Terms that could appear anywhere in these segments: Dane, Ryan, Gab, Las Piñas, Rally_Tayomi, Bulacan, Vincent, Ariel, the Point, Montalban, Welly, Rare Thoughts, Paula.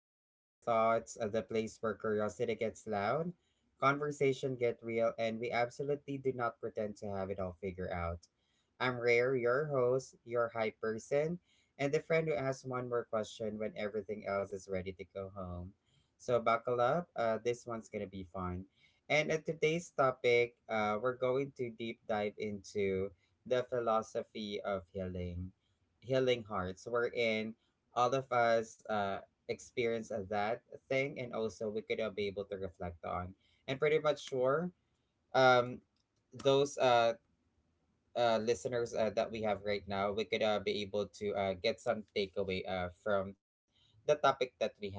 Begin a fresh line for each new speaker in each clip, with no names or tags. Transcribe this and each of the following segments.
to Rare Thoughts, the place where curiosity gets loud, conversation get real, and we absolutely do not pretend to have it all figured out. I'm Rare, your host, your hype person, and the friend who asks one more question when everything else is ready to go home. So buckle up. This one's gonna be fun. And at today's topic, we're going to deep dive into the philosophy of healing, healing hearts. We're in all of us experience that thing and also we could be able to reflect on and pretty much sure um, those listeners that we have right now, we could be able to get some takeaway from the topic that we have.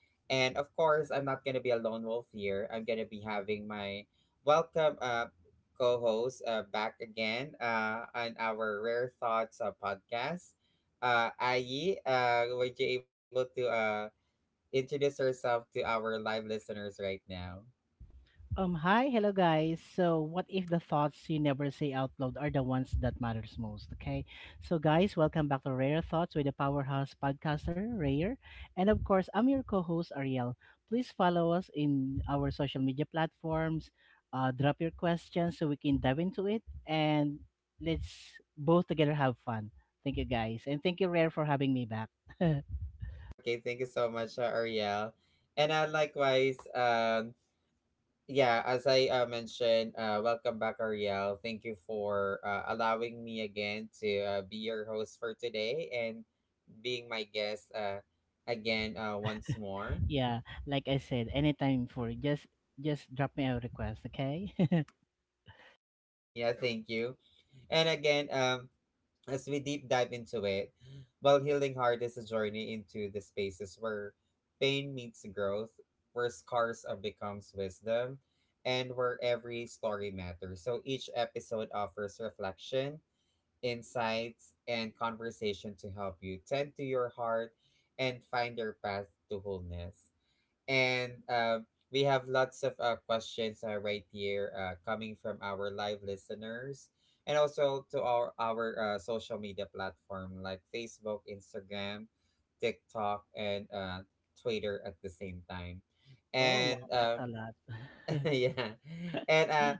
And of course, I'm not going to be a lone wolf here. I'm going to be having my welcome co host back again on our Rare Thoughts podcast. Ayi, would you able to introduce yourself to our live listeners right now?
Hi, hello guys. So, what if the thoughts you never say out loud are the ones that matters most? Okay, so guys, welcome back to Rare Thoughts with the powerhouse podcaster Rare, and of course, I'm your co-host Ariel. Please follow us in our social media platforms. Drop your questions so we can dive into it, and let's both together have fun. Thank you guys, and thank you Rare for having me back.
Okay, thank you so much, Ariel. And likewise, yeah, as I mentioned, welcome back, Ariel. Thank you for allowing me again to be your host for today and being my guest again once more.
Yeah, like I said, anytime for just drop me a request, okay?
Yeah, thank you. And again, as we deep dive into it, well, Healing Heart is a journey into the spaces where pain meets growth, where scars becomes wisdom, and where every story matters. So each episode offers reflection insights, and conversation to help you tend to your heart and find your path to wholeness. And we have lots of questions right here coming from our live listeners and also to our social media platform like Facebook, Instagram, TikTok, and Twitter at the same time.
Oh, wow,
And
that's a lot.
yeah. And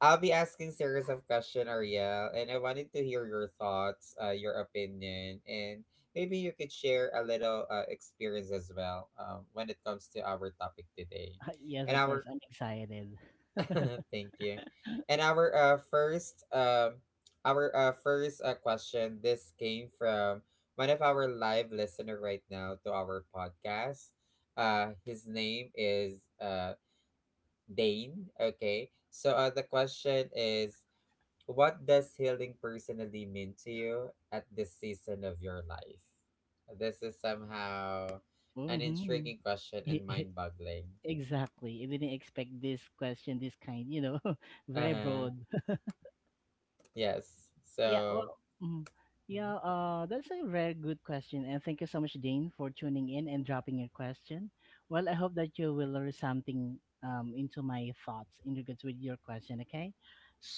I'll be asking series of question, Ariel, and I wanted to hear your thoughts, your opinion, and maybe you could share a little experience as well when it comes to our topic today.
Yes,
And
of course,
our
I'm excited.
thank you. And our first question this came from one of our live listener right now to our podcast. His name is Dane. Okay. So the question is, what does healing personally mean to you at this season of your life? This is somehow an
hmm
intriguing question and mind-boggling.
Exactly. I didn't expect this question, this kind, you know,
Uh
very
huh.
broad.
Yes.
Yeah,
So.
well, mhm.
Mm.
Yeah, that's a very good question. And thank you so much, Dane, for tuning in and dropping your question. Well, I hope that you will learn something into my thoughts in regards with your question, okay?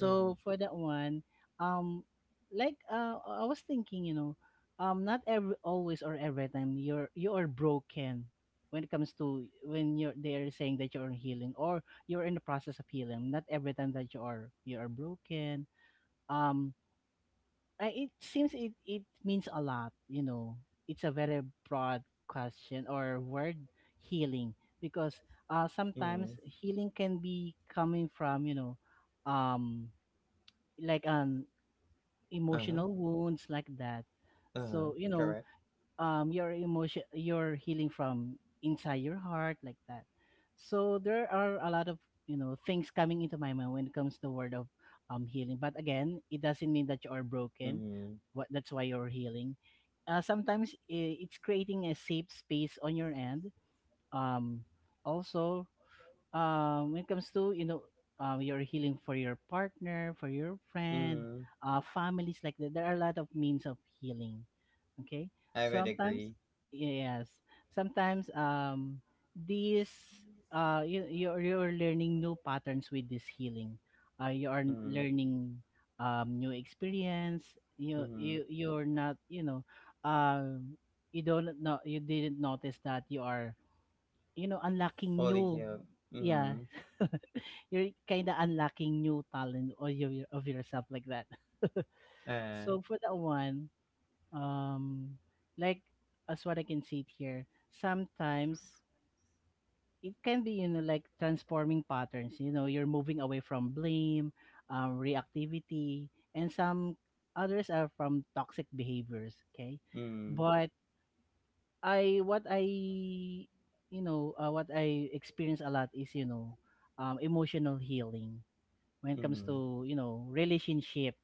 Mm.
for that one, um, I was thinking, you know, not every always or every time you are broken when it comes to when you're they are saying that you're healing or you're in the process of healing. Not every time that you are broken. Um, it seems it means a lot, you know. It's a very broad question or word healing because
Mm.
sometimes healing can be coming from, you know, um, like an
Uh huh.
emotional wounds like that.
Uh huh.
So, you know,
Correct.
your healing from inside your heart like that, so there are a lot of, you know, things coming into my mind when it comes to the word of healing. But again, it doesn't mean that you are broken.
Mm.
What That's why you're healing. Sometimes it's creating a safe space on your end. Um also when it comes to, you know, your healing for your partner, for your
hmm.
friend,
Mm. hmm.
families like that, there are a lot of means of healing, okay.
I would agree.
Sometimes, yes, sometimes, these you you're learning new patterns with this healing. You are
Mm.
learning new experience.
hmm.
you
Mm. hmm.
you you're not, you know, um you don't know, you didn't notice that you are, you know, unlocking
Fully
new,
healed.
yeah.
Mm.
You're kind of unlocking new talent or your of yourself like that.
hmm.
So for that one, um like as what I can see it here, sometimes it can be, you know, like transforming patterns. You know, you're moving away from blame, reactivity, and some others are from toxic behaviors. Okay.
Mm.
But I what I you know, what I experience a lot is, you know, emotional healing when it comes
Mm.
to, you know, relationship.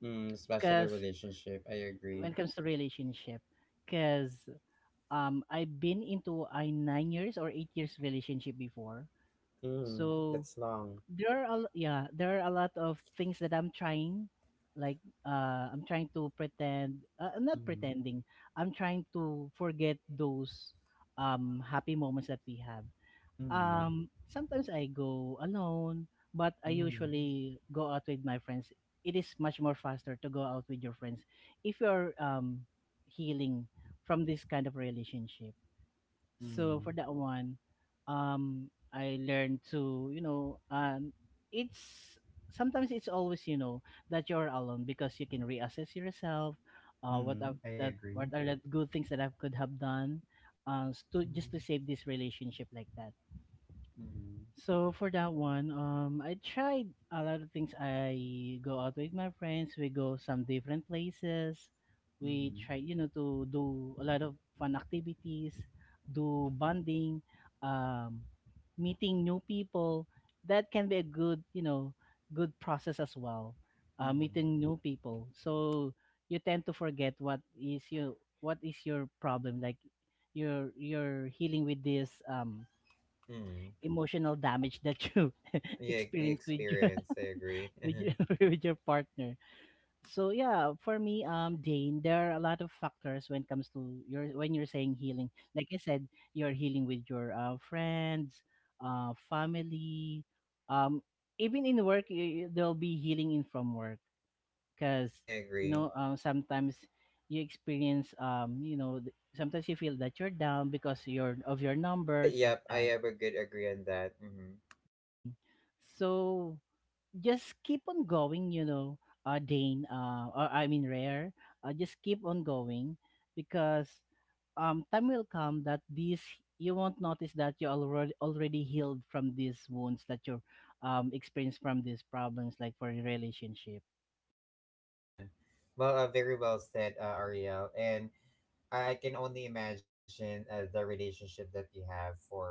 Mm, especially
Cause
relationship. I agree.
when it comes to relationship, because I've been into a 9 years or 8 years relationship before.
Mm, that's
So
long.
there are yeah, there are a lot of things that I'm trying, like I'm not
Mm,
pretending. I'm trying to forget those happy moments that we have.
mm,
Sometimes I go alone, but I
mm,
usually go out with my friends. It is much more faster to go out with your friends if you're healing from this kind of relationship. So
mm,
for that one, I learned to, you know, it's sometimes it's always, you know, that you're alone because you can reassess yourself, uh, what are
mm. I agree.
what are the good things that I could have done, to
Mm,
just to save this relationship like that.
mm,
So for that one, I tried a lot of things. I go out with my friends. We go some different places. We
mm,
try, you know, to do a lot of fun activities, do bonding, um, meeting new people. That can be a good, you know, good process as well. Meeting
mm.
new people. So you tend to forget what is your problem. Like you're healing with this.
Mm.
Emotional damage that you
Yeah,
experience with your
experience. I agree.
with your, with your partner. So yeah, for me, Dane, there are a lot of factors when it comes to your when you're saying healing. Like I said, you're healing with your friends, family, um, even in work, there'll be healing in from work because
I
you
agree.
know, sometimes you experience, you know, sometimes you feel that you're down because you're of your numbers like
Yep, I
that.
have a good agree on that. Mm-hmm.
Mhm. So just keep on going, you know, Dane, or I mean, Rare, just keep on going because time will come that these you won't notice that you already healed from these wounds that you experienced from these problems, like for your relationship.
Yeah. Well, very well said, Ariel. And I can only imagine the relationship that you have for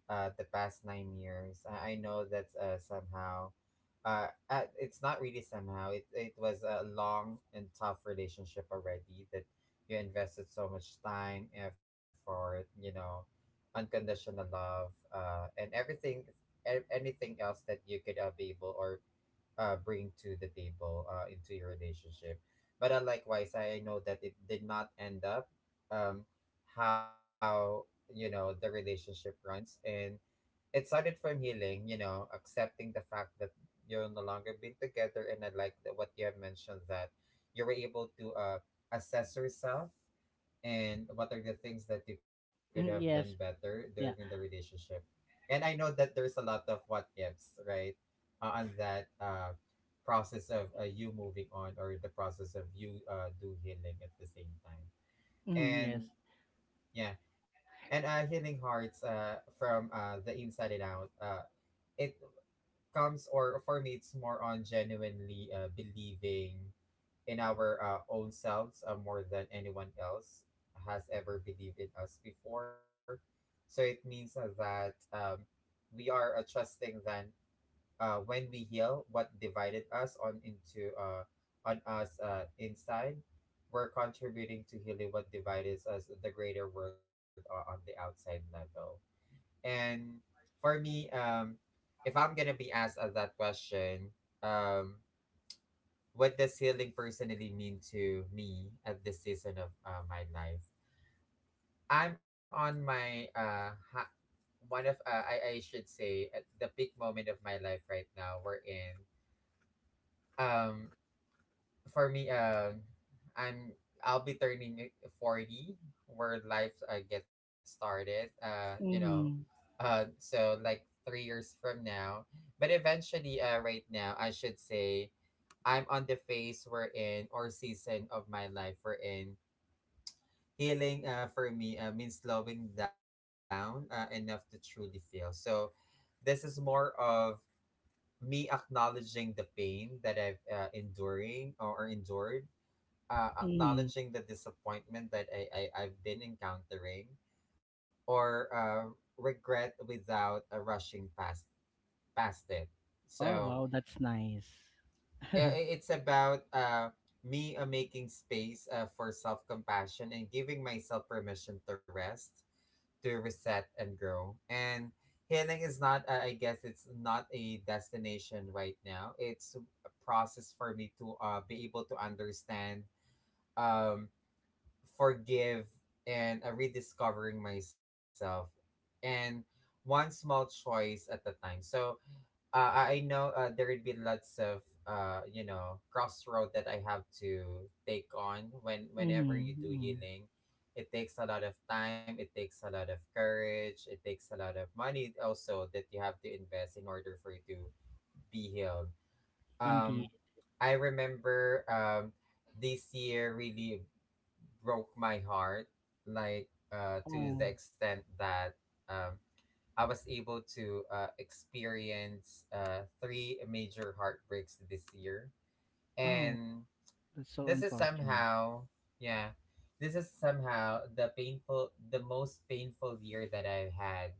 the past 9 years. I know that somehow, it's not really somehow. It was a long and tough relationship already that you invested so much time, effort, you know, unconditional love, and everything, anything else that you could be able or bring to the table into your relationship. But likewise, I know that it did not end up um, how you know the relationship runs, and it started from healing. You know, accepting the fact that you're no longer being together, and I like that what you have mentioned that you were able to assess yourself and what are the things that you could have done
Mm, yes,
better during the
yeah,
relationship, and I know that there's a lot of what ifs, right, on that process of you moving on or the process of you do healing at the same time.
mm,
And
yes.
yeah, and healing hearts from the inside and out, it comes or formates more on genuinely believing in our own selves more than anyone else has ever believed in us before. So it means that we are trusting that when we heal what divided us on into on us inside, we're contributing to healing what divided us the greater world on the outside level. And for me, if I'm gonna be asked that question, um, what does healing personally mean to me at this season of my life? I'm on my ha- one of I should say at the peak moment of my life right now. We're in um for me I'm I'll be turning 40 where life gets started. You know,
Mm,
so like 3 years from now. But eventually, right now, I should say I'm on the phase we're in or season of my life we're in. Healing for me means slowing down enough to truly feel. So this is more of me acknowledging the pain that I've enduring or endured,
mm.
acknowledging the disappointment that I've been encountering or regret without rushing past it.
Oh
So
wow, that's nice. Mm,
it's about me making space for self compassion and giving myself permission to rest, to reset, and grow. And healing is not, I guess, it's not a destination right now. It's a process for me to be able to understand, um, forgive, and rediscovering myself. And one small choice at a time. So, I know there would be lots of you know crossroad that I have to take on whenever you do
mm.
healing. It takes a lot of time. It takes a lot of courage. It takes a lot of money also that you have to invest in order for you to be healed.
Indeed.
Um, I remember this year really broke my heart, like to
Oh,
the extent that um, I was able to experience three major heartbreaks this year.
oh,
And
that's so
this is
unfortunate.
somehow yeah this is somehow the painful the most painful year that I've had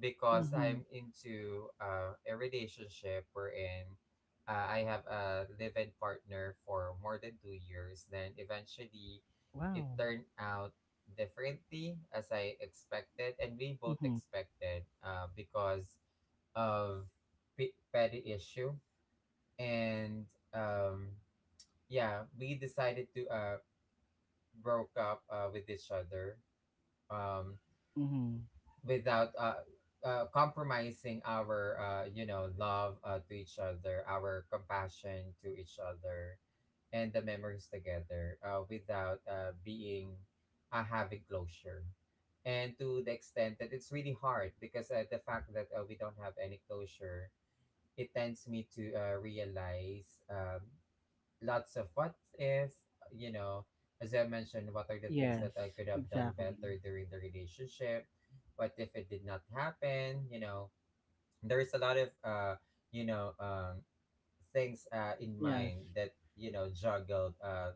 because
Mm-hmm.
I'm into a relationship wherein I have a live-in partner for more than 2 years, then eventually it
Wow.
turned out differently as I expected and we both
Mm-hmm.
expected, because of petty issue. And um yeah we decided to broke up with each other, um,
Mm-hmm.
without compromising our, you know, love to each other, our compassion to each other and the memories together, without being having closure. And to the extent that it's really hard because the fact that we don't have any closure, it tends me to realize lots of what if, you know, as I mentioned, what are the things that I
Yes,
could have done
exactly.
better during the relationship? What if it did not happen? You know, there is a lot of, you know, things in
Yes.
mind that, you know, juggled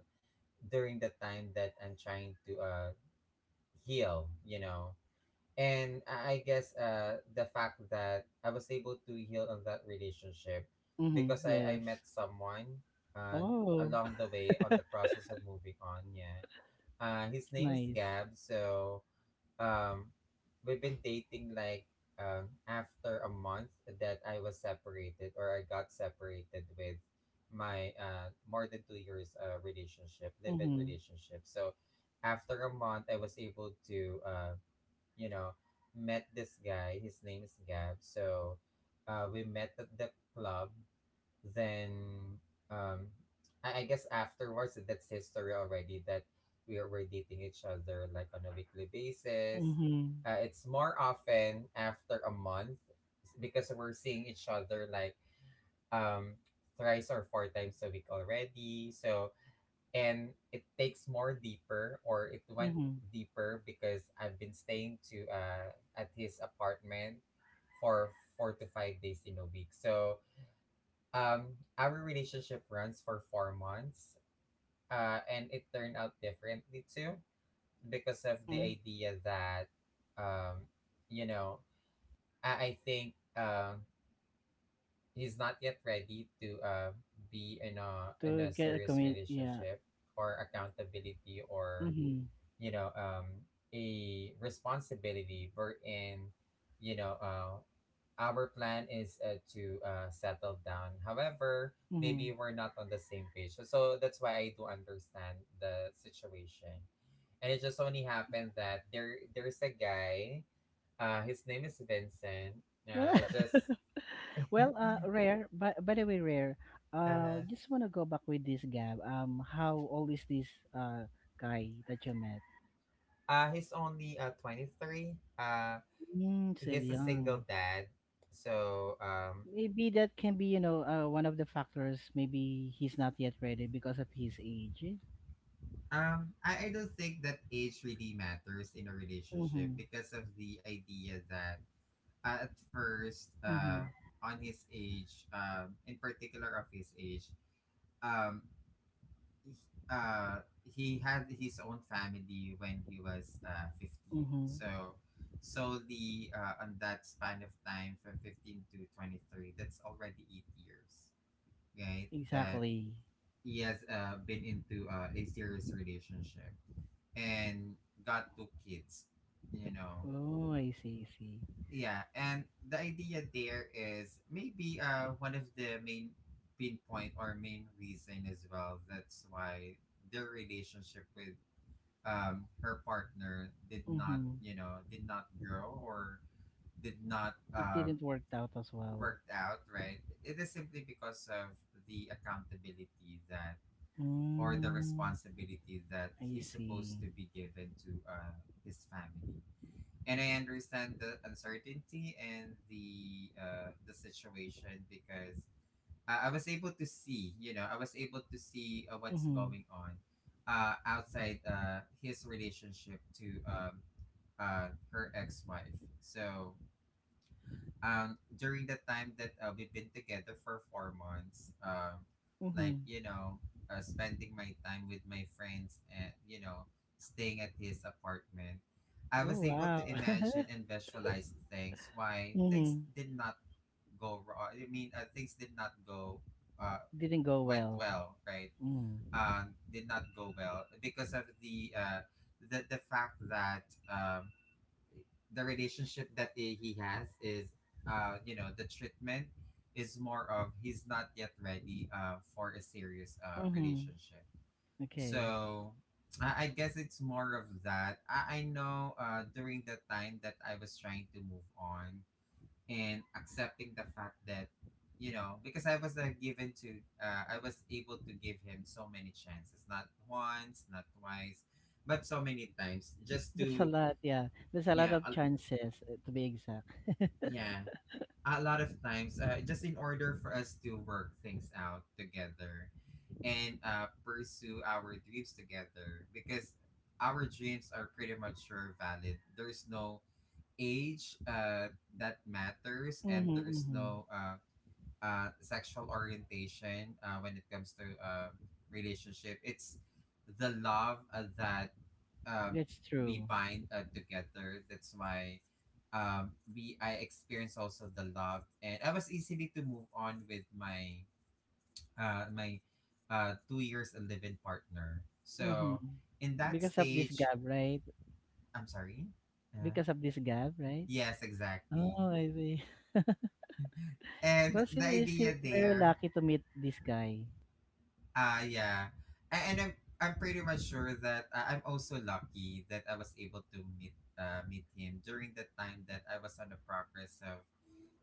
during the time that I'm trying to heal, you know. And I guess the fact that I was able to heal on that relationship
Mm-hmm.
because I met
Yes.
someone uh,
Oh, it's
along the way on the process of moving on. Yeah, his name is
nice.
Gab. So um we've been dating like after a month that I was separated or I got separated with my more than 2 years relationship live-in
Mm-hmm.
relationship. So after a month, I was able to you know, met this guy. His name is Gab. So we met at the club. Then um, I guess afterwards, that's history already that we were dating each other like on a weekly basis.
Mm-hmm.
It's more often after a month because we're seeing each other like um, thrice or four times a week already. So and it takes more deeper or it went
Mm-hmm.
deeper because I've been staying to at his apartment for 4 to 5 days in a week. So our relationship runs for 4 months. And it turned out differently too because of the
Mm-hmm.
idea that um you know, I think he's not yet ready to be in
To
a
get a
serious
commun, yeah.
relationship or accountability or
Mm-hmm.
you know a responsibility wherein you know our plan is to settle down. However,
Mm-hmm.
maybe we're not on the same page. So, so that's why I do understand the situation. And it just only happened that there's a guy. His name is Vincent. I just
Well, Rare, by the way, Rare,
uh
just want to go back with this Gab. How old is this guy that you met?
he's only 23.
Mm, still
He's a single
young.
dad. So um
Maybe that can be, you know, one of the factors. Maybe he's not yet ready because of his age.
Um, I, I don't think that age really matters in a relationship
Mm-hmm.
because of the idea that at first,
Mm-hmm.
on his age, in particular of his age, um, he, uh, he had his own family when he was 15.
Mm-hmm.
So, solely on that span of time from 15 to 23, that's already 8 years, right? That
Exactly.
he has been into a serious relationship and got two kids you know
Oh, I see, I see.
yeah, and the idea there is maybe one of the main pinpoint or main reason as well that's why their relationship with her partner did not
Mm-hmm.
you know did not grow or did not
It didn't work out as well.
worked out, right? It is simply because of the accountability that or the
Mm,
responsibility that
I
he's supposed
see.
to be given to his family. And I understand the uncertainty and the situation because I was able to see, you know, I was able to see what's
Mm-hmm.
going on outside his relationship to her ex-wife. So during the time that we've been together for four months, like
Mm-hmm.
spending my time with my friends and staying at his apartment, I was
Oh,
able
wow.
to imagine and visualize things, why things
Mm-hmm.
did not go wrong, I mean, things did not go uh
Didn't go
went
well.
well, right?
Mm.
Did not go well because of the the fact that the relationship that he has is, the treatment is more of he's not yet ready for a serious
Mm-hmm.
relationship.
Okay.
So I guess it's more of that I know during the time that I was trying to move on and accepting the fact that you know, because I was given to I was able to give him so many chances, not once, not twice, but so many times just
There's a
to
lot, yeah. There's a lot
yeah
of chances, to be exact.
yeah, a lot of times, just in order for us to work things out together and pursue our dreams together, because our dreams are pretty much sure valid. There's no age that matters,
Mm-hmm,
and there's
mm-hmm.
no sexual orientation when it comes to relationship. It's the love that um,
That's
we
true.
bind together. That's why we I experienced also the love, and I was easily to move on with my 2 years and live partner.
Mhm.
So in that
Because of this
stage,
gap, right?
I'm sorry. Uh,
Because of this gap, right?
yes,
Oh,
exactly.
I see.
And
Well, still,
the
you're still
idea
very
there.
lucky to meet this guy.
Yeah. And I'm pretty much sure that I'm also lucky that I was able to meet him during the time that I was on the progress of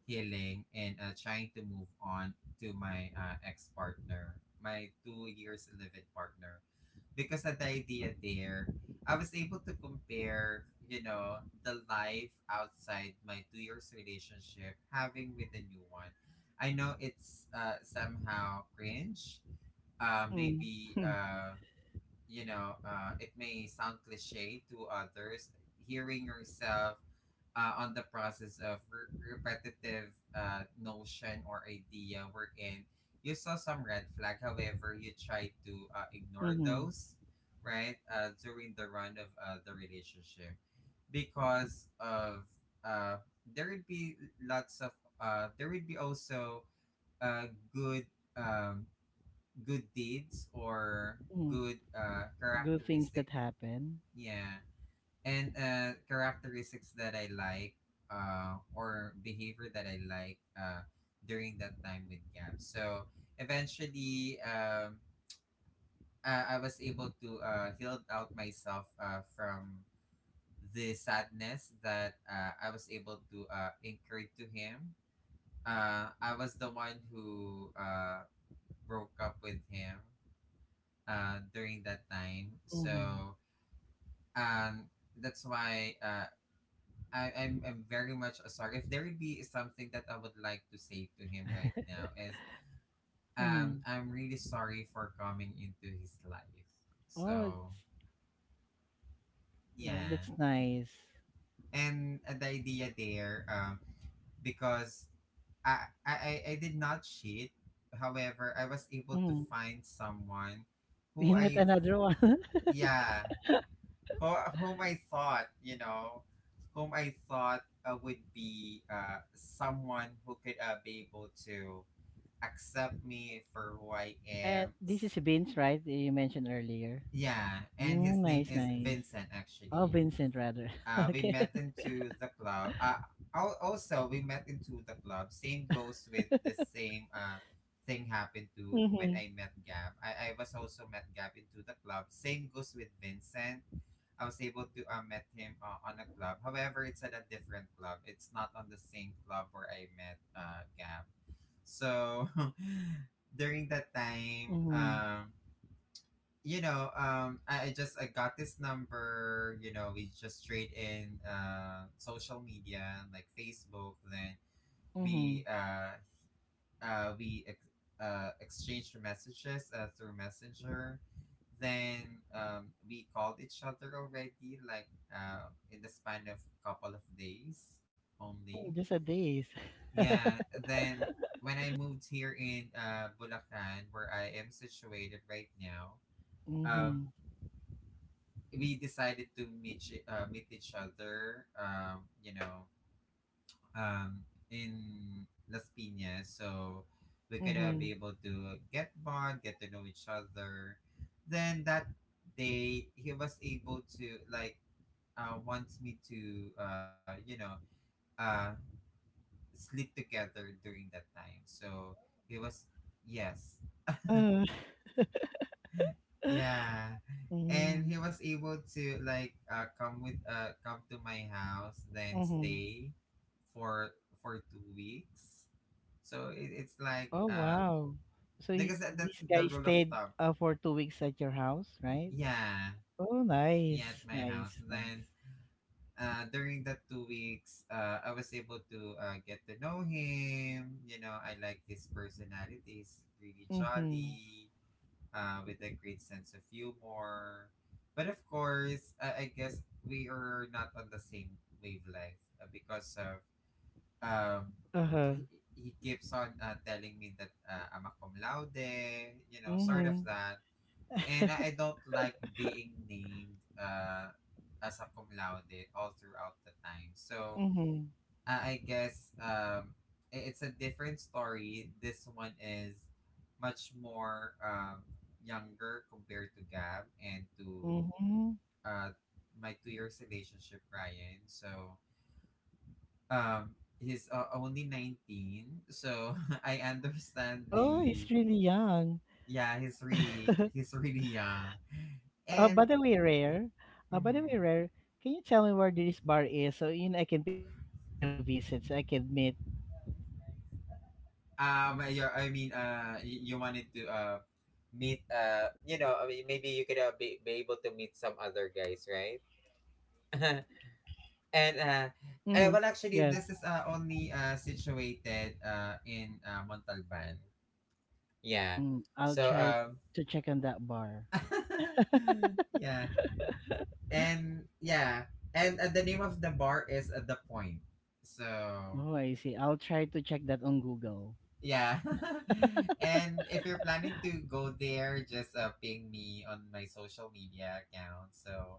healing and trying to move on to my ex partner, my 2 years living partner. Because at the idea there, I was able to compare, you know, the life outside my 2 years relationship, having with the new one. I know it's somehow cringe,
Mm-hmm.
maybe you know, it may sound cliche to others, hearing yourself on the process of repetitive notion or idea, wherein you saw some red flag, however you try to ignore
Mm-hmm.
those, right? During the run of the relationship, because of uh, there would be lots of there would be also uh, good um, good deeds or
Mm-hmm.
good
Good things
characteristic.
that happen.
Yeah, and characteristics that I like, or behavior that I like, during that time with Gab. So eventually, I was able to heal out myself from the sadness that I was able to incur to him. I was the one who broke up with him during that time.
Mm-hmm.
So um, that's why I'm very much sorry. If there would be something that I would like to say to him right now is
Mm-hmm.
I'm really sorry for coming into his life.
Oh,
So
it's, that's
yeah,
nice.
and the idea there, because I, I did not cheat. However, I was able to
Mm.
find someone who
You met
I
another one.
yeah, who, whom I thought, you know, whom I thought would be someone who could be able to accept me for who I
And
am.
this is Vince, right? That you mentioned earlier.
Yeah, and
Mm,
his name
nice,
is
nice.
Vincent,
Oh,
actually.
Vincent, rather.
We
Okay.
met into the club. Also, we met into the club. Same goes with the same thing happened to when
Mm-hmm.
I met Gab. I was also met Gab into the club. Same goes with Vincent. I was able to met him on a club. However, it's at a different club. It's not on the same club where I met Gab. So during that time,
Mm-hmm.
I got this number. You know, we just trade in social media like Facebook. Then
Mm-hmm.
we uh we exchanged messages through Messenger. Then we called each other already like in the span of couple of days only.
Mm, just a days.
Yeah. Then when I moved here in Bulacan, where I am situated right now, um
Mhm.
we decided to meet each other, in Las Piñas, so we're gonna be
Mhm.
able to get to know each other. Then that day he was able to like wants me to uh sleep together during that time. So he was yes.
Uh,
Yeah. And
mm,
he was able to like come to my house then
mhm.
stay for for 2 weeks. So it, it's like
Oh, wow. So he,
because that, that's
this
the
guy
rule of
stayed
thumb.
for 2 weeks at your house, right?
Yeah.
Oh,
Yeah, at
nice,
my
nice,
house. And
nice.
then during that 2 weeks I was able to get to know him. You know, I like his personality. He's really
Mm-hmm.
jolly with a great sense of humor. But of course, I guess we are not on the same wavelength because of um,
Uh-huh.
he, he keeps on telling me that I'm a cum laude, you know, sort of
Mm-hmm.
that. And I don't like being named as a cum laude all throughout the time. So
Mm-hmm.
I guess it's a different story. This one is much more younger compared to Gab and to
Mm-hmm.
uh, my 2 years relationship, Ryan. So he's only 19. So I understand
Oh, he's
the
really young.
yeah, he's really, he's really young.
uh,
And
by the way, Rare, by the way,
mhm.
Rare, can you tell me where this bar is so you know I can pay a visit so I can meet these guys?
Yeah, I mean, you wanted to meet you know, I mean, maybe you could be able to meet some other guys, right?
Mm-hmm.
And
Yes.
well, actually, this is only situated in Montalban. Yeah.
Mm, I'll
So
try to check on that bar.
yeah, and yeah, and the name of the bar is the Point. So.
Oh, I see. I'll try to check that on Google.
Yeah. And if you're planning to go there, just ping me on my social media account, so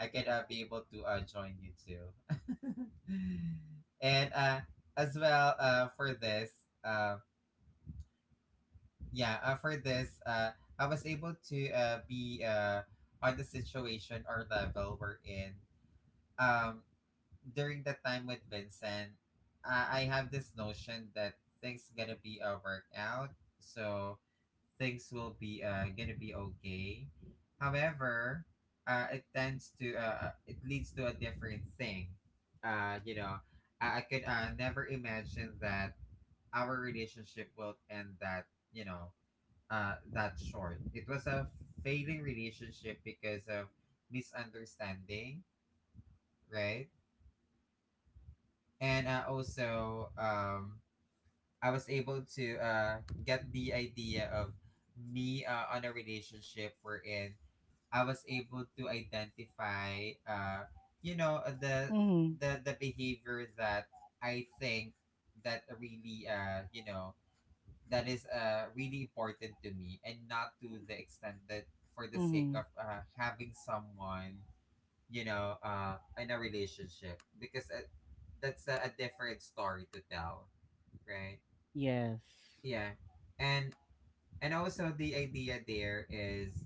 I could be able to join you too. And as well for this, uh, yeah, for this, I was able to be on the situation or level we're in. Um, During the time with Vincent, I have this notion that things gonna be a workout. So things will be gonna be okay. However, it tends to it leads to a different thing. You know, I could never imagine that our relationship will end that you know that short. It was a failing relationship because of misunderstanding, right? And also, I was able to get the idea of me on a relationship we're in, I was able to identify, the
Mhm.
the behavior that I think that really, that is really important to me, and not to the extent that for the sake
Mhm.
of having someone, you know, in a relationship, because that's a different story to tell, right?
Yes.
Yeah, and and also the idea there is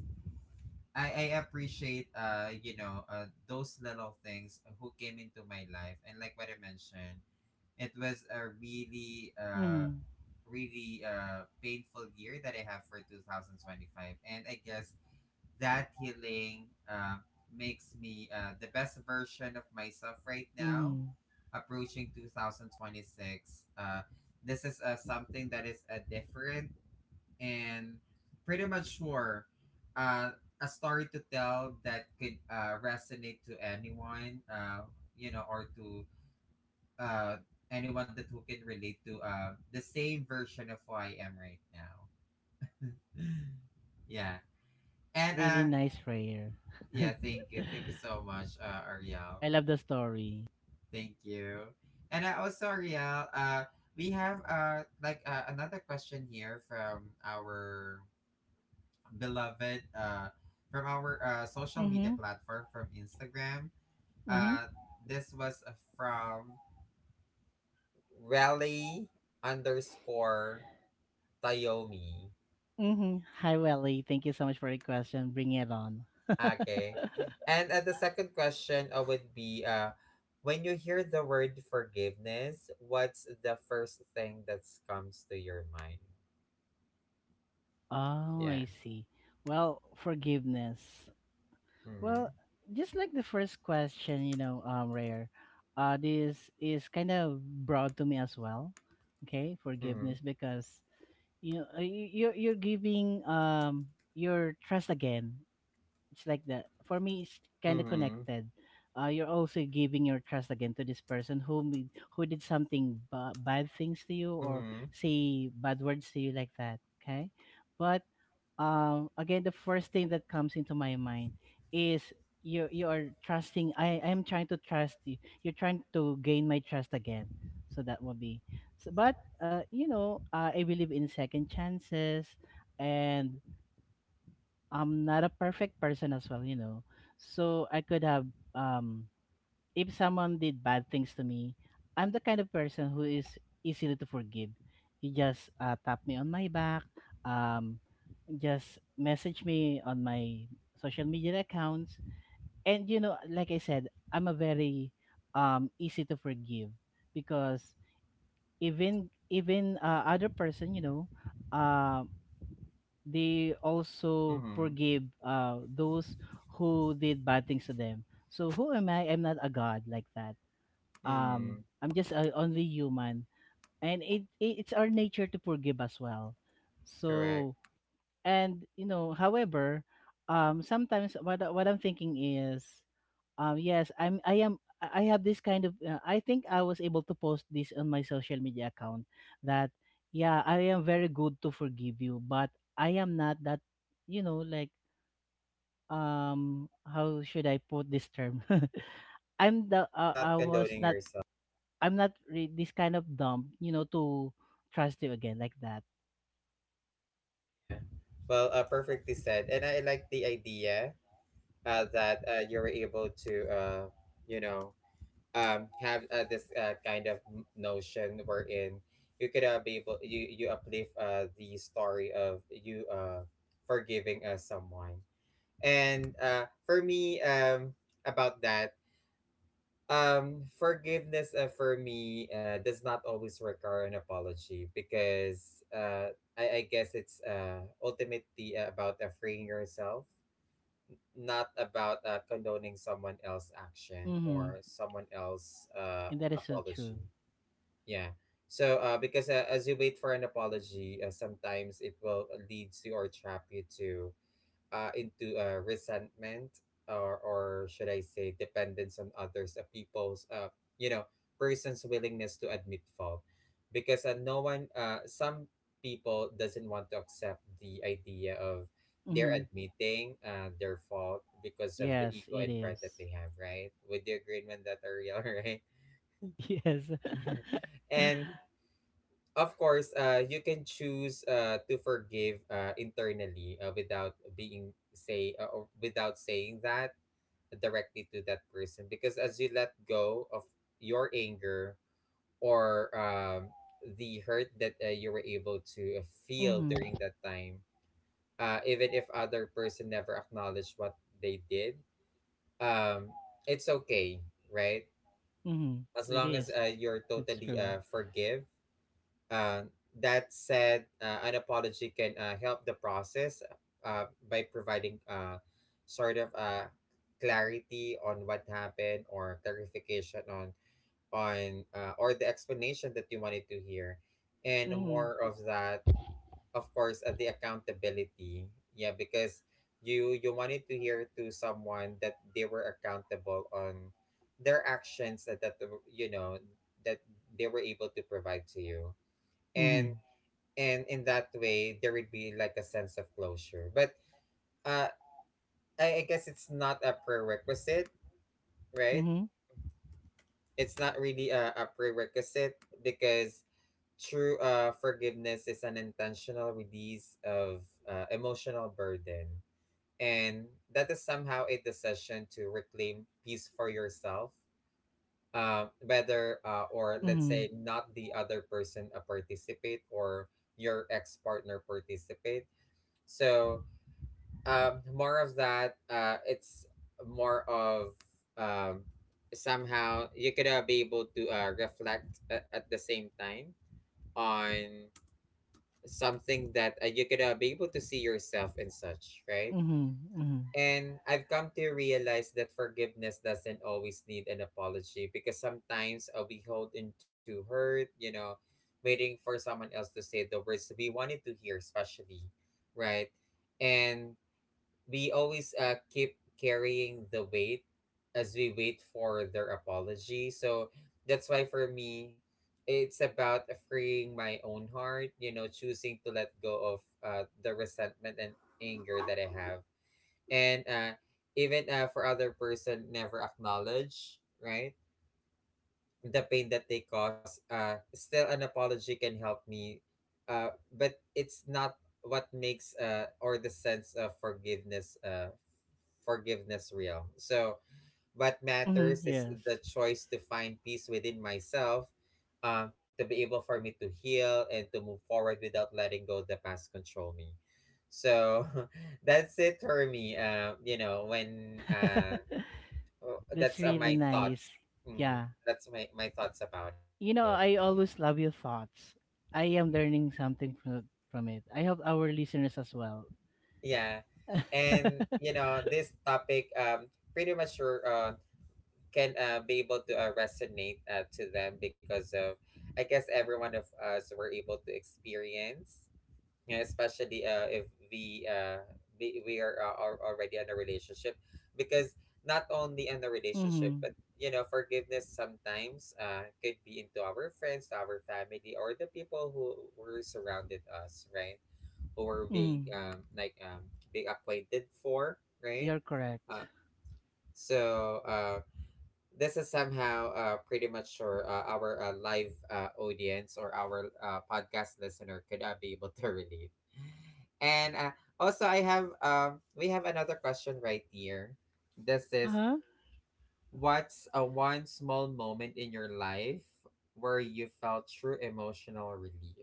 I appreciate those little things who came into my life, and like what I mentioned, it was a really
Mhm.
really painful year that I have for 2025. And I guess that healing makes me the best version of myself right now,
Mhm.
approaching 2026. This is something that is different and pretty much sure uh, a story to tell that could resonate to anyone, or to uh, anyone that who can relate to the same version of who I am right now. Yeah.
That's
And
really nice, Rare.
yeah, thank you. Thank you so much, Ariel.
I love the story.
Thank you. And also, Ariel, we have another question here from our beloved from our social media
Mhm.
platform from Instagram.
Mhm.
Uh, this was from Rally underscore Tayomi.
Mhm. Hi, Welly. Thank you so much for the question. Bring it on.
Okay. And the second question would be when you hear the word forgiveness, what's the first thing that comes to your mind?
Oh,
Yeah.
I see. Well, forgiveness. Well,
Mm-hmm.
just like the first question, you know, Rare. This is kind of brought to me as well. Okay,
Mm-hmm.
forgiveness because you know, you're giving your trust again. It's like that for me, it's kind of
Mm-hmm.
connected. You're also giving your trust again to this person who who did something bad things to you or
Mm-hmm.
say bad words to you like that, okay. But again, the first thing that comes into my mind is you you are trusting, I am trying to trust you, you're trying to gain my trust again. So that will be so, but you know, I believe in second chances. And I'm not a perfect person as well, you know. So I could have um if someone did bad things to me, I'm the kind of person who is easily to forgive. You just tap me on my back, um just message me on my social media accounts, and you know like I said, I'm a very easy to forgive because even even other person, you know, um they also
Mm-hmm.
forgive those who did bad things to them. So who am I? I'm not a god like that.
Mm-hmm.
I'm just a only human, and it's our nature to forgive as well.
Correct.
So and you know, however, sometimes what I'm thinking is, yes, I'm. I am. I have this kind of. I think I was able to post this on my social media account that yeah, I am very good to forgive you, but I am not that. You know, like how should I put this term? I'm the.
Not
I was
condoning
not.
yourself.
I'm not this kind of dumb. You know, to trust you again like that.
Yeah. Well, perfectly said. And I like the idea that you were able to, you know, have this kind of notion wherein you could be able, you uplift the story of you forgiving someone. And for me, about that, forgiveness for me does not always require an apology because I guess it's ultimately about freeing yourself, not about condoning someone else's action
Mm-hmm.
or someone else's
And that is so true.
apology. Yeah. So, because as you wait for an apology, sometimes it will lead to or trap you to into resentment or should I say dependence on others, people's, you know, person's willingness to admit fault. Because some people doesn't want to accept the idea of they're
Mm-hmm.
admitting their fault because of the
Yes,
ego
it
and pride
is.
that they have, right? Would you agree on that, Ariel, right?
Yes.
And of course, you can choose to forgive internally without being say or without saying that directly to that person because as you let go of your anger or the hurt that you were able to feel
Mm-hmm.
during that time, even if other person never acknowledged what they did, um, it's okay, right,
Mm-hmm.
as
It
long
is.
as you're
It's
totally
true.
forgive. Uh, that said, an apology can help the process uh, by providing sort of clarity on what happened or clarification on or the explanation that you wanted to hear, and
Mhm.
more of that, of course, the accountability. Yeah, because you wanted to hear to someone that they were accountable on their actions that that you know that they were able to provide to you, and
Mhm.
in that way there would be like a sense of closure, but uh I guess it's not a prerequisite, right?
Mhm.
It's not really a prerequisite because true forgiveness is an intentional release of emotional burden, and that is somehow a decision to reclaim peace for yourself, whether or let's say
Mhm.
not the other person participate or your ex-partner participate. So um more of that uh it's more of um somehow you could be able to reflect at the same time on something that you could be able to see yourself in such, right?
Mhm. Mhm.
And I've come to realize that forgiveness doesn't always need an apology, because sometimes we hold into hurt, you know, waiting for someone else to say the words we wanted to hear, especially, right? And we always keep carrying the weight as we wait for their apology. So that's why for me, it's about freeing my own heart, you know, choosing to let go of the resentment and anger that I have. And even for other person, never acknowledge, right? The pain that they cause, still an apology can help me, but it's not what makes or the sense of forgiveness real. So what
Mhm.
matters is
Yes.
the choice to find peace within myself, to be able for me to heal and to move forward without letting go the past control me. So that's it for me, you know when uh oh,
That's
that's
really
my
nice.
thoughts. Mm,
Yeah.
that's my thoughts about it.
You know, I always love your thoughts. I am learning something from it. I hope our listeners as well.
Yeah. And, you know, this topic, pretty much sure, can be able to resonate to them because of, I guess, every one of us were able to experience, yeah, especially if we are already in a relationship, because not only in a relationship,
Mhm.
but you know forgiveness sometimes could be into our friends, to our family, or the people who were surrounded us, right? Who were being
Mhm.
being acquainted for, right?
You're correct.
Uh, so uh, this is somehow pretty much sure our live audience or our podcast listener could be able to relate. And also, I have we have another question right here. This is,
Uh-huh.
what's a one small moment in your life where you felt true emotional relief?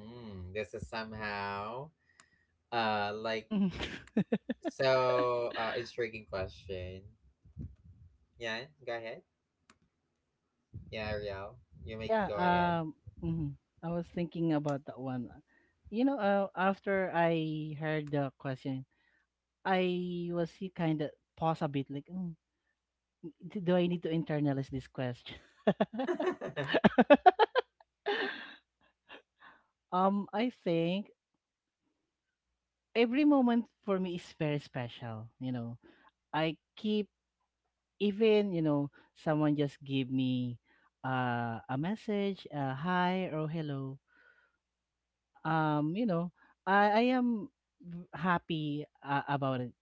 Mm, this is somehow like
Mhm.
so intriguing question. Yeah, go ahead. Yeah, Ariel, you may go
yeah,
ahead.
um mhm. I was thinking about that one. After I heard the question, I was kind of pause a bit, like, "Mm, do I need to internalize this question? I think every moment for me is very special. I keep even someone just give me a message, hi or hello. Um, you know, I am happy about it,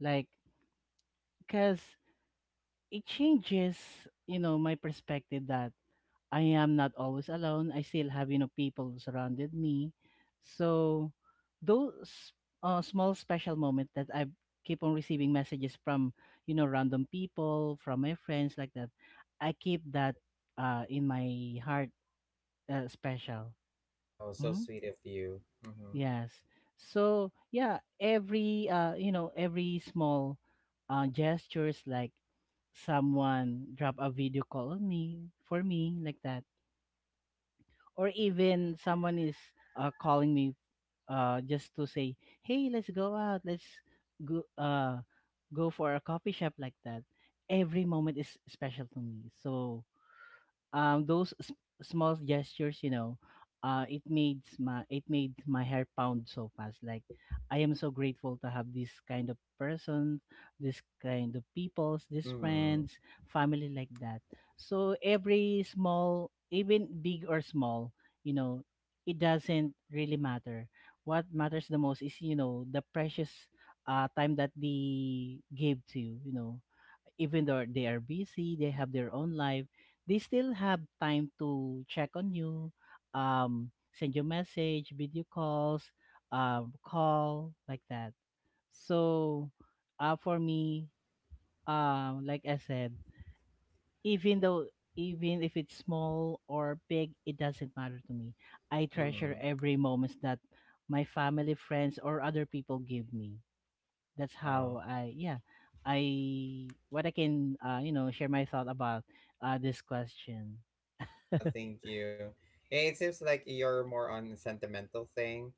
like because it changes my perspective that I am not always alone. I still have, you know, people who surrounded me. So those small special moment that I keep on receiving messages from, you know, random people, from my friends like that, I keep that in my heart special.
Oh, so
Mm?
sweet of you. Mm-hmm.
Yes. So yeah, every every small gestures like someone drop a video call on me for me like that or even someone is calling me just to say, "Hey, let's go out. Let's go go for a coffee shop like that." Every moment is special to me. So those small gestures, you know, it made my hair pound so fast, like I am so grateful to have this kind of person, this kind of peoples, these
Mm-hmm.
friends, family like that. So every small, even big or small, you know, it doesn't really matter. What matters the most is, you know, the precious time that they gave to you, you know, even though they are busy, they have their own life, they still have time to check on you, send you message, video calls, call like that. So, for me, like I said, even though even if it's small or big, it doesn't matter to me. I treasure
Mm-hmm.
every moments that my family, friends, or other people give me. That's how
Wow.
I what I can, you know, share my thought about this question.
Well, thank you. Yeah, it seems like you're more on the sentimental thing.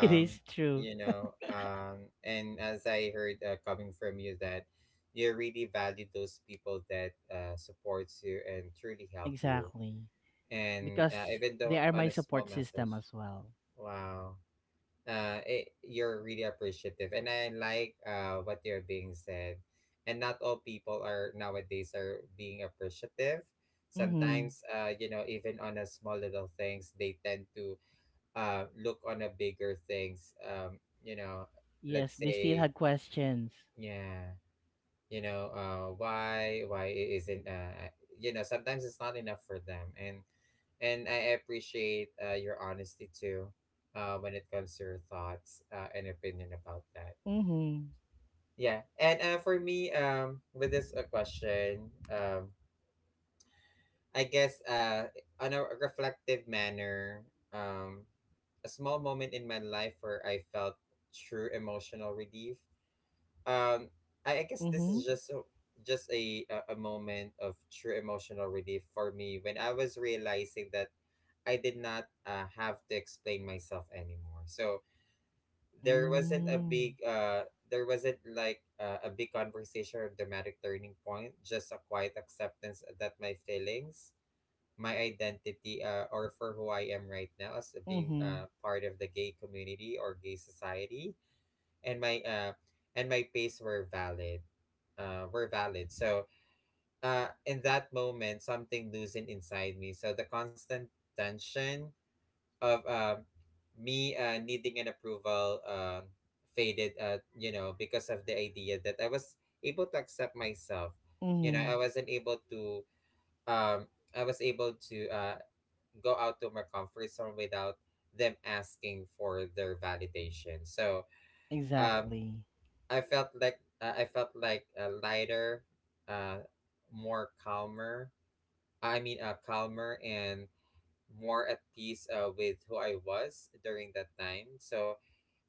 It is true
you know, and as I heard coming from you that you really value those people that supports you and truly help you.
exactly
And
because
even
they
though
are
on
my
a small
support
message.
system as well.
Wow. It, you're really appreciative and I like what you're being said, and not all people are nowadays are being appreciative.
Mm-hmm.
Sometimes you know, even on a small little things, they tend to look on a bigger things, you know,
Yes,
let's
they still
say,
had questions.
yeah, you know, why it isn't, you know, sometimes it's not enough for them. And I appreciate your honesty too when it comes to your thoughts and opinion about that.
Mm-hmm.
Yeah. And for me, with this question, i guess uh on a reflective manner, um a small moment in my life where I felt true emotional relief. Um, I guess this is
Mm-hmm.
just a moment of true emotional relief for me when I was realizing that I did not have to explain myself anymore. So
Mm-hmm.
there wasn't like a big conversation or dramatic turning point, just a quiet acceptance that my feelings, my identity or for who I am right now as being
Mm-hmm.
part of the gay community or gay society, and my pace were valid, were valid. So in that moment something loosened inside me, so the constant tension of me needing an approval faded, you know, because of the idea that I was able to accept myself. You know,
Mm-hmm.
I wasn't able to um I was able to go out to my comfort zone without them asking for their validation. So um
Exactly.
I felt like lighter, uh, more calmer. I mean, calmer and more at peace with who I was during that time. So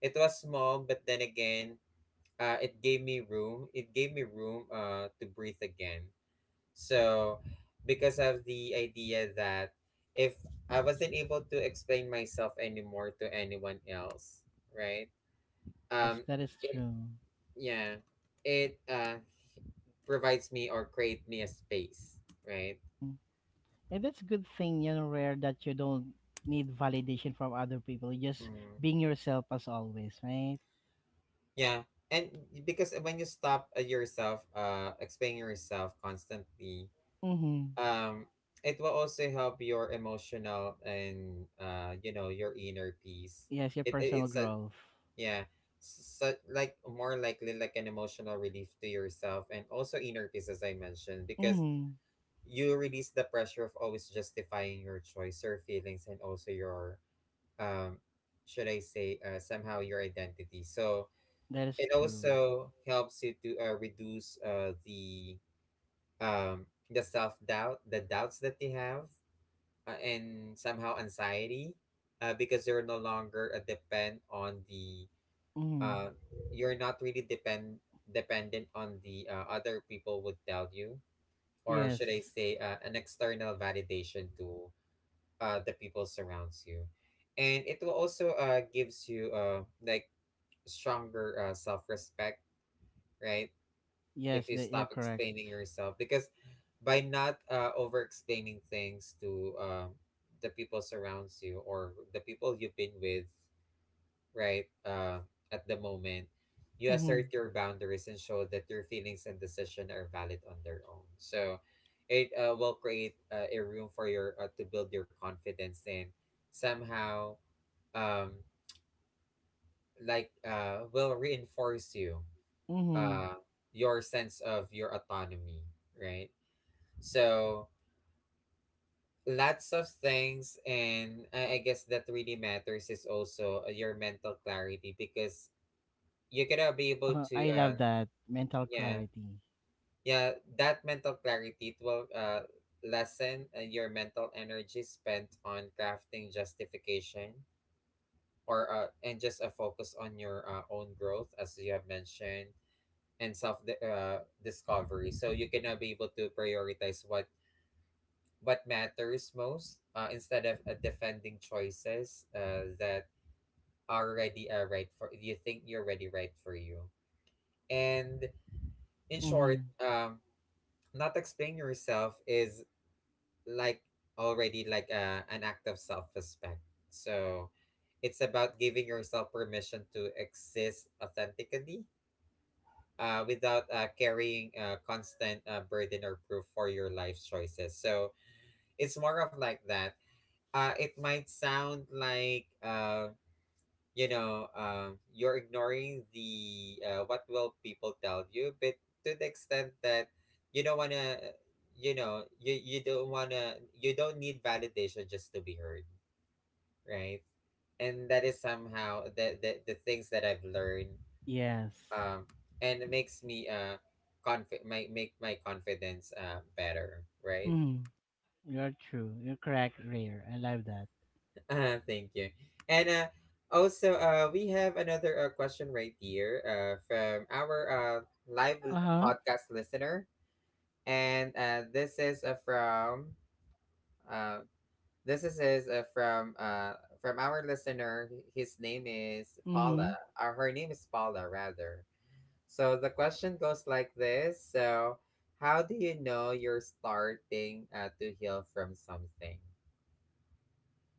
it was small, but then again, it gave me room. It gave me room to breathe again. So because of the idea that if I wasn't able to explain myself anymore to anyone else, right?
Yes,
Um,
that is
it
true.
yeah, it provides me or create me a space, right?
Mm-hmm. And that's a good thing, you know, Rare, that you don't need validation from other people. You just
Mm.
being yourself as always, right?
Yeah. And because when you stop explaining yourself constantly,
Mm-hmm.
um, it will also help your emotional and you know, your inner peace.
Yes, your
It
personal
it's a
growth.
Yeah, so like more likely like an emotional relief to yourself and also inner peace as I mentioned, because
Mm-hmm.
you release the pressure of always justifying your choice, your feelings, and also your um, should I say, somehow your identity. So
That is
it
true.
also helps you to reduce the self doubt, the doubts that you have, and somehow anxiety, because you're no longer depend on the
Mm-hmm.
uh, you're not really dependent on the other people would tell you, or
Yes.
should I say, an external validation to the people surrounds you, and it will also gives you like stronger self-respect, right? If
Yes,
you
that you're
stop
correct.
explaining yourself, because by not over explaining things to the people surrounds you or the people you've been with, right, at the moment, you
Mm-hmm.
assert your boundaries and show that your feelings and decision are valid on their own. So it will create a room for your to build your confidence and somehow, um, will reinforce you,
Mm-hmm.
uh, your sense of your autonomy, right? So lots of things, and I guess that really matters is also your mental clarity because you gotta be able to,
I love that. Mental
yeah,
clarity.
yeah, that mental clarity it will lessen your mental energy spent on crafting justification or and just a focus on your own growth as you have mentioned and self discovery, so you cannot be able to prioritize what matters most instead of defending choices that are already right for you, think you're already right for you. And in short,
Mm-hmm.
not explain yourself is like already like an act of self-respect. So it's about giving yourself permission to exist authentically, without carrying a constant burden or proof for your life's choices. So it's more of like that. It might sound like you're ignoring the what will people tell you, but to the extent that you don't want to, you don't want to, you don't need validation just to be heard, right? And that is somehow the things that I've learned.
Yes.
um, and it makes me make my confidence better, right?
Mm. You're true. You're correct, Rare. I love that.
Thank you. And also, we have another question right here from our live l-
Uh-huh.
podcast listener, and this is from uh, this is is, uh, from uh, from our listener. His name is Paula,
Mm-hmm.
or her name is Paula rather. So the question goes like this: so, how do you know you're starting to heal from something?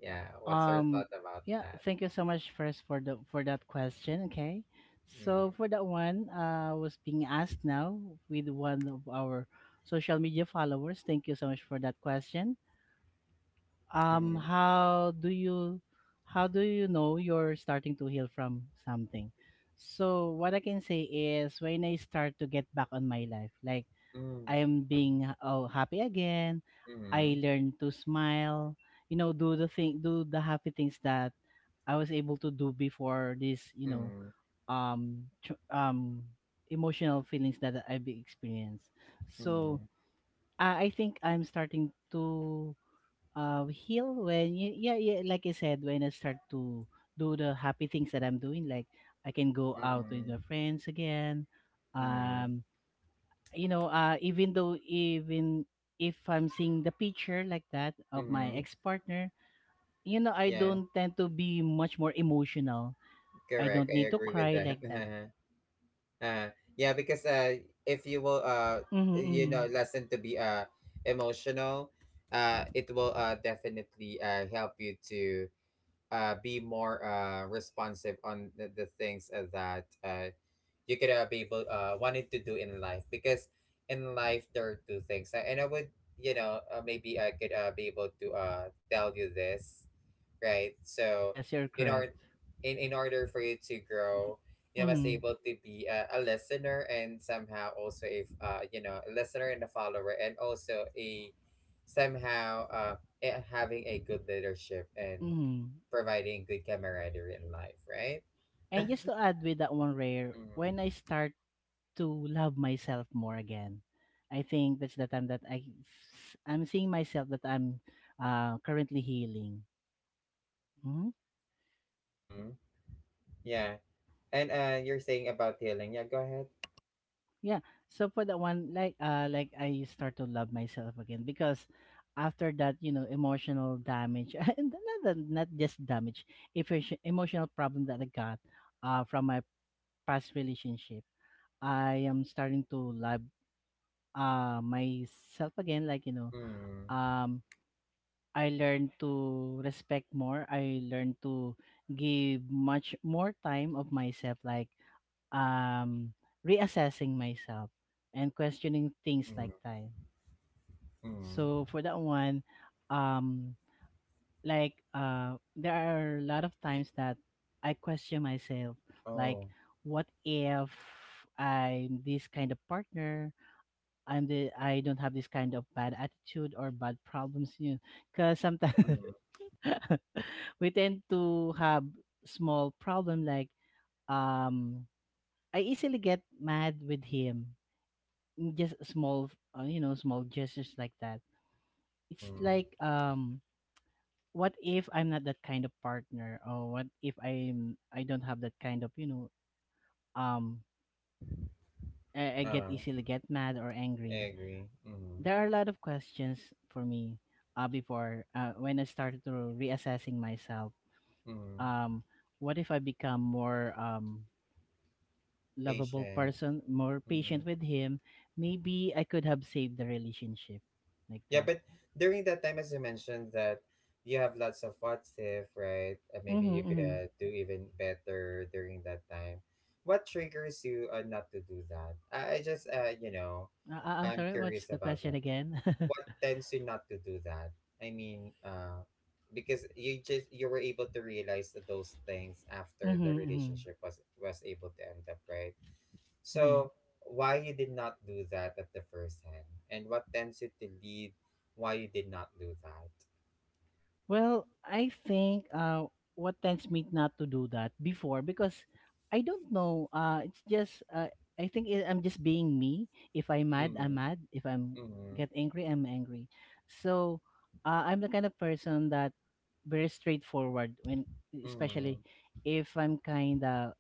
Yeah, what's your
Um,
thought about
yeah,
that?
thank you so much first for that question. Okay, so
Mm.
for that one, was being asked now with one of our social media followers. Thank you so much for that question.
Mm.
How do you know you're starting to heal from something? So what I can say is when I start to get back on my life, like
Mm,
I am being oh happy again. I
mm,
learned to smile. You know, do the thing, do the happy things that I was able to do before this. You know,
mm,
um, tr- um, emotional feelings that I've experienced. So
mm,
I think I'm starting to heal when you, yeah yeah like I said, when I start to do the happy things that I'm doing, like I can go out with
mm,
my friends again.
mm,
Um, even though, even if I'm seeing the picture like that of my
mm.
ex partner, you know, I
Yeah,
don't tend to be much more emotional. I
correct.
don't
I
need to
agree with
cry
that.
like that.
uh, yeah, because if you will,
Mm-hmm, mm-hmm.
lesson to be emotional, it will definitely help you to be more responsive on the things that you could be able wanted to do in life, because in life there are two things. And I would, maybe I could be able to tell you this, right? So
Yes, you're
in order,
correct.
in order for you to grow, you must
Mm-hmm,
able to be a listener and somehow also a a listener and a follower and also a somehow, having a good leadership and
mm-hmm.
providing good camaraderie in life, right?
And just to add with that one, Rare,
Mm.
when I start to love myself more again, I think that's the time that I'm seeing myself that I'm currently healing. Hmm?
Mm. Yeah. And you're saying about healing. Yeah, go ahead.
Yeah. So for that one, like I start to love myself again because after that, you know, emotional damage and not just damage, if emotional problem that I got from my past relationship, I am starting to love myself again, like, you know,
Mm.
um I learned to respect more. I learned to give much more time of myself. Like um reassessing myself and questioning things like
Mm.
time.
Mm.
So for that one, um there are a lot of times that I question myself, like
Oh.
what if I'm this kind of partner, I don't have this kind of bad attitude or bad problems, you know, because sometimes
Mm.
we tend to have small problem like um I easily get mad with him, just small, you know, small gestures like that. It's
Mm.
like, what if I'm not that kind of partner, or what if I don't have that kind of, you know, um I get
Uh,
easily get mad or
I
angry.
agree. Mm.
There are a lot of questions for me before, when I started to reassessing myself.
Mm.
um what if I become more, lovable
Patient.
person, more
Mm.
patient with him, maybe I could have saved the relationship like
Yeah,
that.
but during that time, as you mentioned, that you have lots of what if, right? Maybe
Mm-hmm,
you could
mm-hmm.
do even better during that time. What triggers you not to do that? I just,
I'm
I'm
sorry, what's
curious
the
about
question
that.
again?
What tends you not to do that? I mean, because you just you were able to realize that those things after the
Hmm. Hmm.
relationship was able to end up, right?
Hmm.
So why you did not do that at the first hand, and what tends you to lead why you did not do that?
Well, I think, what tends me not to do that before, because I don't know. It's just I think I'm just being me. If I'm mad,
Mm-hmm.
I'm mad. If I'm
Mm-hmm.
get angry, I'm angry. So, I'm the kind of person that very straightforward when, especially
Mm-hmm.
if I'm kind of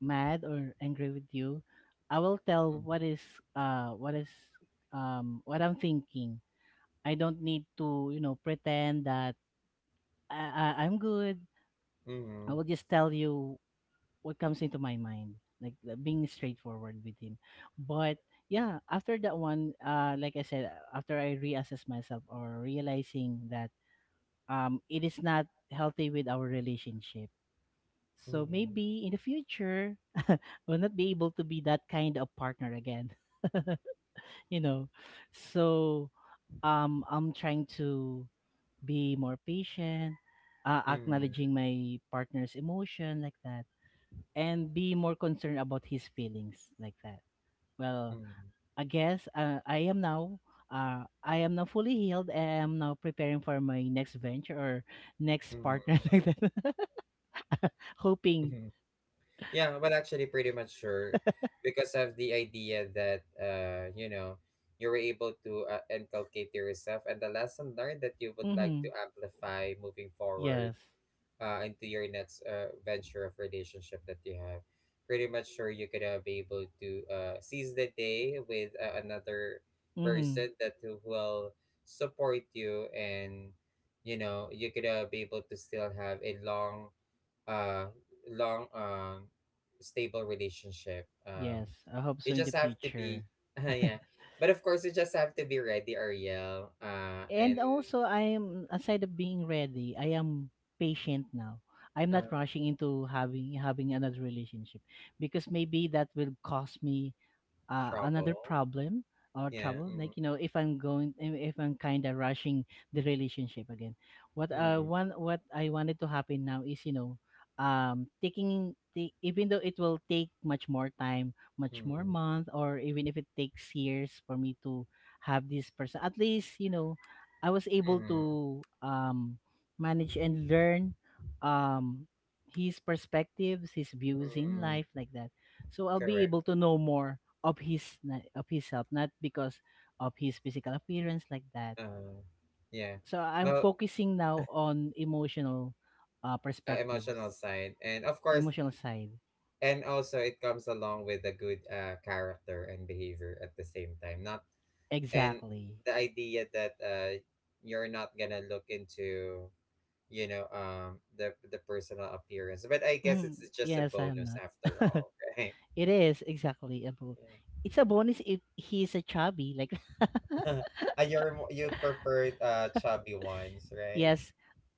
mad or angry with you, I will tell what is, what I'm thinking. I don't need to, you know, pretend that I'm good.
Mm-hmm.
I will just tell you what comes into my mind, like, being straightforward with him. But yeah, after that one, like I said, after I reassess myself or realizing that it is not healthy with our relationship. So
Mm-hmm.
maybe in the future, I'll not be able to be that kind of partner again. You know, so, I'm trying to be more patient,
Mm-hmm.
acknowledging my partner's emotion like that, and be more concerned about his feelings like that. Well,
Mm-hmm.
I guess I am now. I am now fully healed. I'm now preparing for my next venture or next
Mm-hmm.
partner like that, hoping.
Mm-hmm. Yeah, but actually pretty much sure because of the idea that you were able to inculcate yourself and the lesson learned that you would like to
Mm-hmm.
amplify moving forward
Yes.
into your next venture of relationship that you have. Pretty much sure you could be able to seize the day with another
Mm-hmm.
person that who will support you and you could be able to still have a long uh long stable relationship.
Yes, I hope
You
so in the
just have to be
future.
yeah, but of course you just have to be ready, Ariel,
Mm, and
and
also, I'm aside of being ready, I am patient now. I'm
uh,
not rushing into having another relationship because maybe that will cost me another
trouble.
problem or
Yeah.
trouble, like, you know, if I'm kind of rushing the relationship again. What
Mm,
one what I wanted to happen now is, you know, taking even though it will take much more time, much more
mm,
month, or even if it takes years for me to have this person, at least, you know, I was able
mm,
to, manage and learn, um his perspectives, his views in
mm,
life like that. So I'll be
Correct.
able to know more of himself, not because of his physical appearance like that.
uh yeah.
So I'm
well
focusing now on emotional,
Emotional
perspectives,
side, and of course,
emotional side,
and also it comes along with a good character and behavior at the same time, not. And
exactly.
the idea that you're not gonna look into, the personal appearance, but I guess
Mm,
it's just a
yes, I'm
bonus
not.
after all. Right?
It is exactly about,
Yeah.
it's a bonus if he's a chubby like.
And you're you preferred chubby ones, right?
Yes,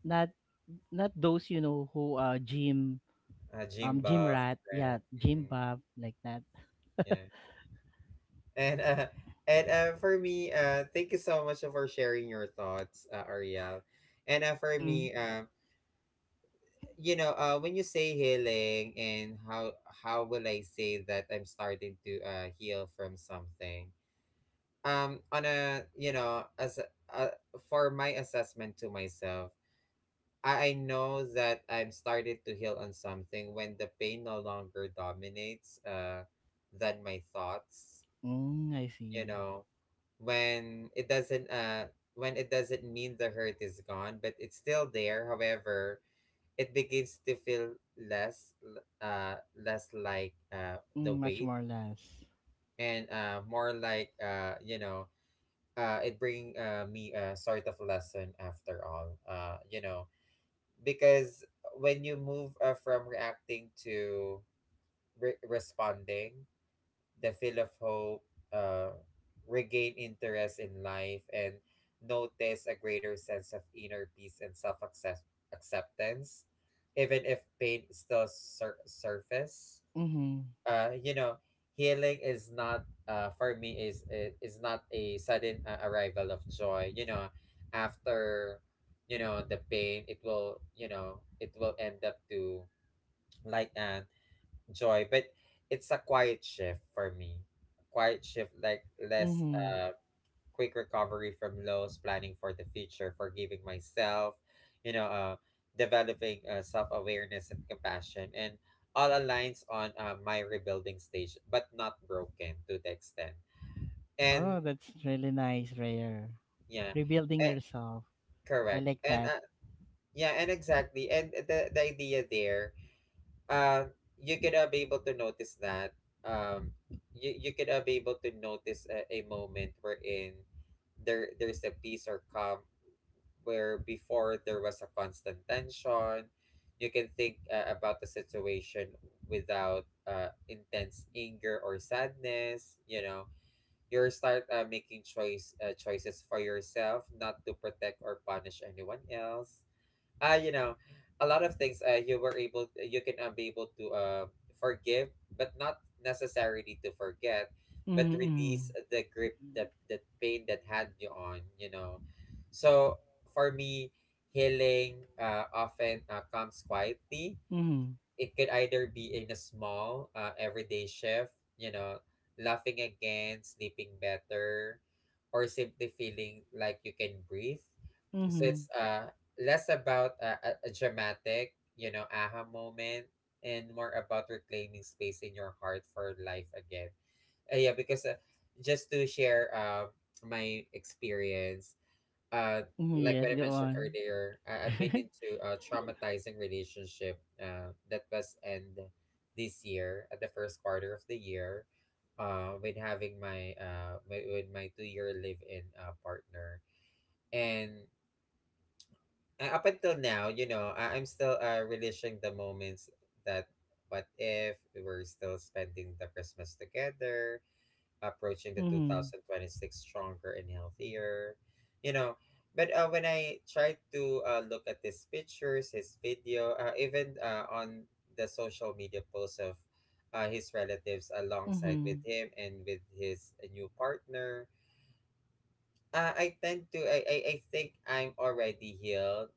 not, not those, you know, who uh gym
gym
um gym
buff,
rat yeah,
right?
gym
Mm.
buff like that.
Yeah. And and for me, thank you so much for sharing your thoughts, Ariel. And for
Mm,
me, when you say healing, and how will I say that I'm starting to heal from something? On a as a, uh, for my assessment to myself, I know that I'm started to heal on something when the pain no longer dominates than my thoughts.
mm, I
You
see.
know, when it doesn't uh when it doesn't mean the hurt is gone, but it's still there. However, it begins to feel less less like the
Mm, much
weight,
more less.
and more like, it bring me a sort of lesson after all, because when you move from reacting to responding, the feel of hope, uh, regain interest in life, and notice a greater sense of inner peace and self acceptance, even if pain still surface.
Mm-hmm.
You know, healing is not, for me, is is not a sudden arrival of joy. You know, after the pain, it will it will end up to like an joy, but it's a quiet shift for me. A quiet shift like less
Mm-hmm.
quick recovery from lows, planning for the future, forgiving myself, you know uh developing self-awareness and compassion, and all aligns on my rebuilding stage, but not broken to the extent. And
Oh, that's really nice, Rare.
yeah,
Rebuilding
eh,
yourself. I
correct.
like
And
that.
yeah, and exactly. And the idea there, uh, you could be able to notice that, um you, you could be able to notice a moment wherein there's a peace or calm where before there was a constant tension. You can think about the situation without intense anger or sadness. You know, you start making choices for yourself, not to protect or punish anyone else, you know, a lot of things you were able, you can be able to forgive, but not necessarily to forget, but release
Mm-hmm.
the grip that the pain that had you on, you know. So for me, healing often comes quietly.
Mm-hmm.
It could either be in a small everyday shift, you know, laughing again, sleeping better, or simply feeling like you can breathe. So
Mm-hmm.
it's less about a dramatic, you know, aha moment, and more about reclaiming space in your heart for life again. Yeah, because just to share, my experience, uh
Hmm.
like
Yes,
what I
go
mentioned
on.
earlier, I've been into a traumatizing relationship that was end this year at the first quarter of the year, with having my with my 2-year live in partner. And up until now, you know, I'm still relishing the moments that what if we were still spending the Christmas together, approaching the
Mm-hmm.
2026 stronger and healthier, you know. But when I tried to look at his pictures, his video, even on the social media posts of his relatives alongside
Mm-hmm.
with him and with his new partner, I tend to I think I'm already healed,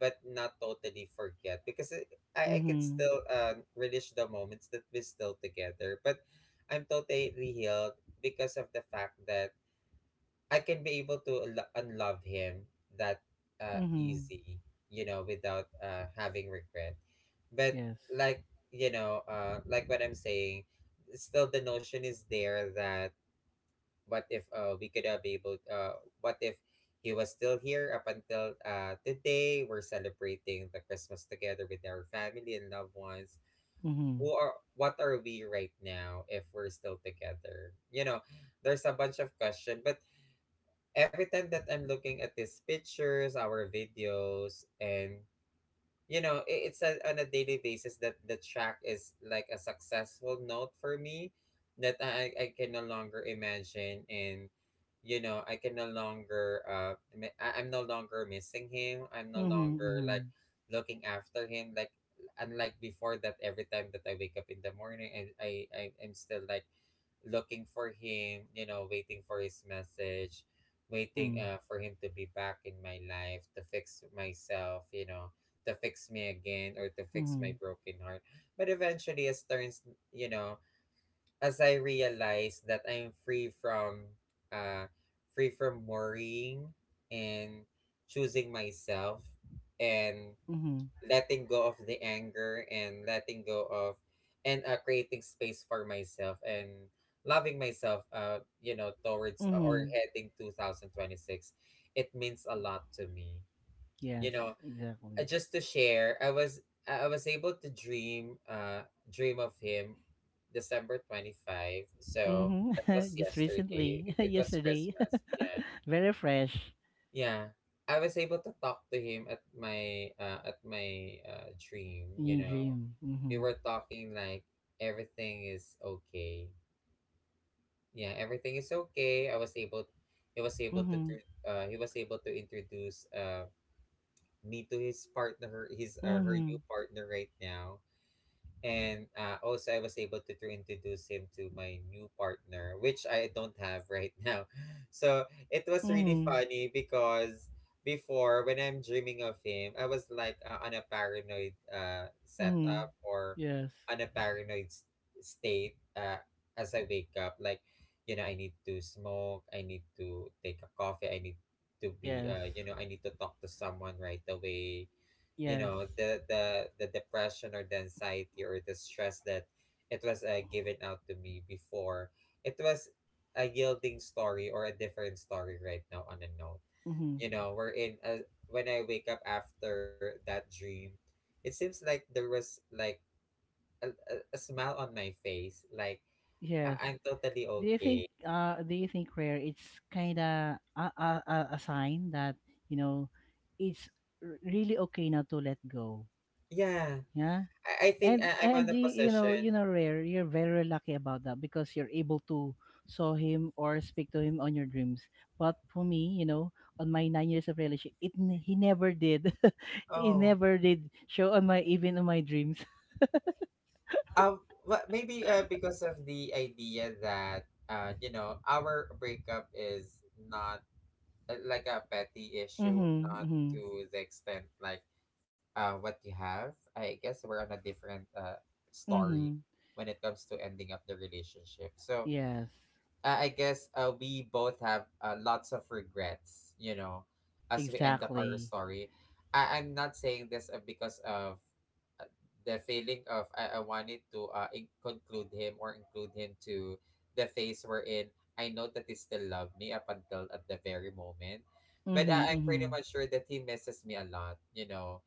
but not totally forget because I could
Mm-hmm.
still relish the moments that we're still together. But I'm totally healed because of the fact that I can be able to unlove him that
Mm-hmm.
easy, you know, without having regret. But
Yes.
like, you know, like what I'm saying, still the notion is there that what if we could have be able, what if he was still here up until today, we're celebrating the Christmas together with our family and loved ones.
Mm-hmm.
Who are, what are we right now if we're still together, you know? There's a bunch of question, but every time that I'm looking at these pictures, our videos, and you know, it's a, on a daily basis that the track is like a successful note for me, that I can no longer imagine. And you know, I can no longer I'm no longer missing him, I'm no longer like
Mm-hmm.
looking after him, like unlike before that every time that I wake up in the morning and I am still like looking for him, you know, waiting for his message,
Mm-hmm.
waiting
Mm-hmm.
for him to be back in my life to fix myself, you know, to fix me again or to fix my
Mm-hmm.
broken heart. But eventually, as turns, you know, as I realize that I'm uh, free from worrying, and choosing myself, and
Mm-hmm.
letting go of the anger and letting go of, and creating space for myself, and loving myself, you know, towards or
Mm-hmm.
heading 2026, it means a lot to me, you
Yes,
know.
exactly.
Just to share, I was I was able to dream dream of him December 25th, so that was
Mm-hmm. Just
yesterday.
recently,
It was
yesterday.
Christmas. Yeah,
Very fresh.
yeah, I was able to talk to him at my dream. You
New
know,
dream.
we
Mm-hmm.
were talking like everything is okay. Yeah, everything is okay. I was able, he was able to,
Mm-hmm.
he was able to introduce me to his partner, his her
Mm-hmm.
new partner right now, and also I was able to introduce him to my new partner, which I don't have right now. So it was really
Mm-hmm.
funny because before, when I'm dreaming of him, I was like on a paranoid
Mm-hmm.
setup, or
Yes.
on a paranoid state, as I wake up. Like, you know, I need to smoke, I need to take a coffee, I need to be,
Yes.
you know, I need to talk to someone right away. You
Yes.
know, the depression or the anxiety or the stress that it was given out to me before, it was a yielding story or a different story right now. On a note,
Mm-hmm.
you know, we're in a, when I wake up after that dream, it seems like there was like a smile on my face. Like, I,
Yes.
i'm totally okay.
Do you think, Rare, it's kind of a sign that, you know, it's really okay now to let go.
Yeah,
Yeah?
I think
And
I'm
and
on a
you, you know,
position.
you know, Rare, you're very lucky about that because you're able to saw him or speak to him on your dreams. But for me, you know, on my 9 years of relationship, he never did. He
Oh.
never did show on my, even on my dreams.
Um, well, maybe because of the idea that you know, our breakup is not, like a petty issue,
Mhm,
not
mhm,
to the extent like what you have. I guess we're on a different story
mhm.
when it comes to ending up the relationship. So,
Yes,
I guess we both have lots of regrets, you know, as we end up our
exactly.
story. I'm not saying this because of, uh, the feeling of I wanted to conclude him or include him to the phase we're in. I know that he still loved me up until at the very moment, but
Mhm,
I'm pretty
mhm.
much sure that he misses me a lot, you know,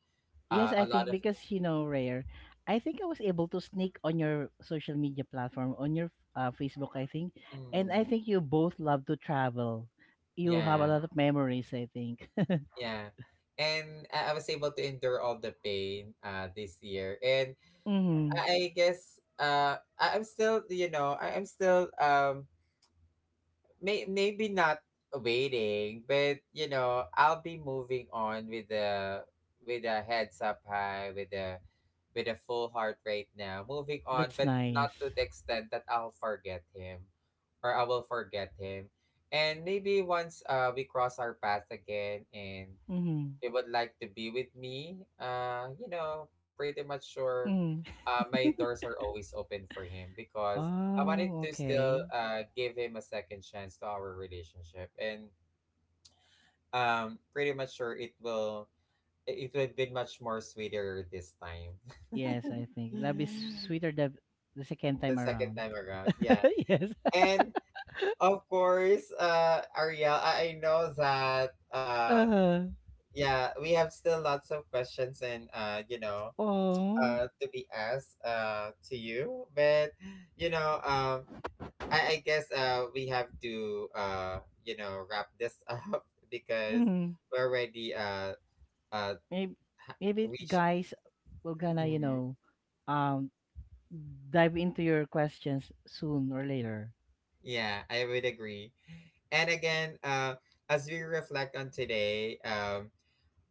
Yes,
a
I
lot
think
of.
because, you know, Rare, I think I was able to sneak on your social media platform, on your Facebook, I think, and I
Mm,
think you both love to travel. You have a
yeah,
lot of memories, I think.
yeah. And I was able to endure all the pain this year. And
Mhm.
I guess I'm still, you know, I'm still, maybe not waiting, but you know, I'll be moving on with the, with a heads up high, with a, with a full heart right now. Moving on,
That's
but not to
nice.
the extent that I'll forget him or I will forget him. And maybe once we cross our path again and
Mhm.
they would like to be with me, you know, pretty much sure
Mhm.
my doors are always open for him, because I wanted
Oh,
to still
okay.
give him a second chance to our relationship. And pretty much sure it will be much more sweeter this time.
Yes, I think love is sweeter the second
The
time
second
around.
time around. Yeah.
Yes.
And of course, Ariel, I know that
Uh,
yeah, we have still lots of questions and you know
oh.
to be asked to you, but you know, I guess we have to you know, wrap this up, because
Mm-hmm.
we're already uh
Maybe,
ha-
maybe
reached.
guys, we're gonna, you
Mm,
know, um, dive into your questions soon or later.
yeah, I would agree. And again, as we reflect on today,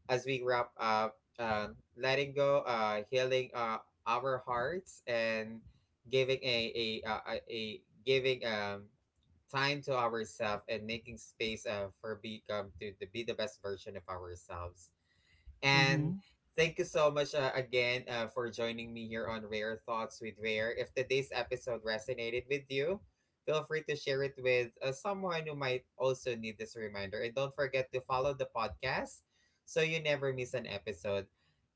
as we wrap up, letting go, healing our hearts, and giving giving time to ourselves and making space for become to be the best version of ourselves.
Mm-hmm.
And thank you so much again for joining me here on Rare Thoughts with Rare. If today's episode resonated with you, feel free to share it with someone who might also need this reminder. And don't forget to follow the podcast so you never miss an episode.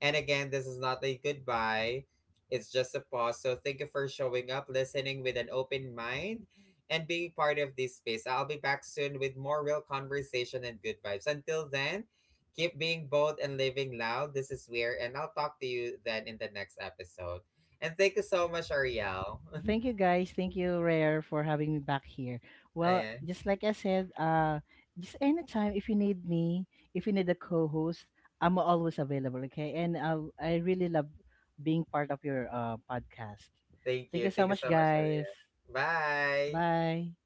And again, this is not a goodbye. It's just a pause. So thank you for showing up, listening with an open mind, and being part of this space. I'll be back soon with more real conversation and good vibes. Until then, keep being bold and living loud. This is Weir, and I'll talk to you then in the next episode. And thank you so much, Ariel.
Thank you, guys. Thank you, Rare, for having me back here. Well,
Ayan.
just like I said, just anytime if you need me, if you need a co-host, I'm always available. Okay, and I really love being part of your podcast.
Thank
Thank
you.
you so
Thank you
much,
so much,
guys.
Ariel. Bye.
Bye.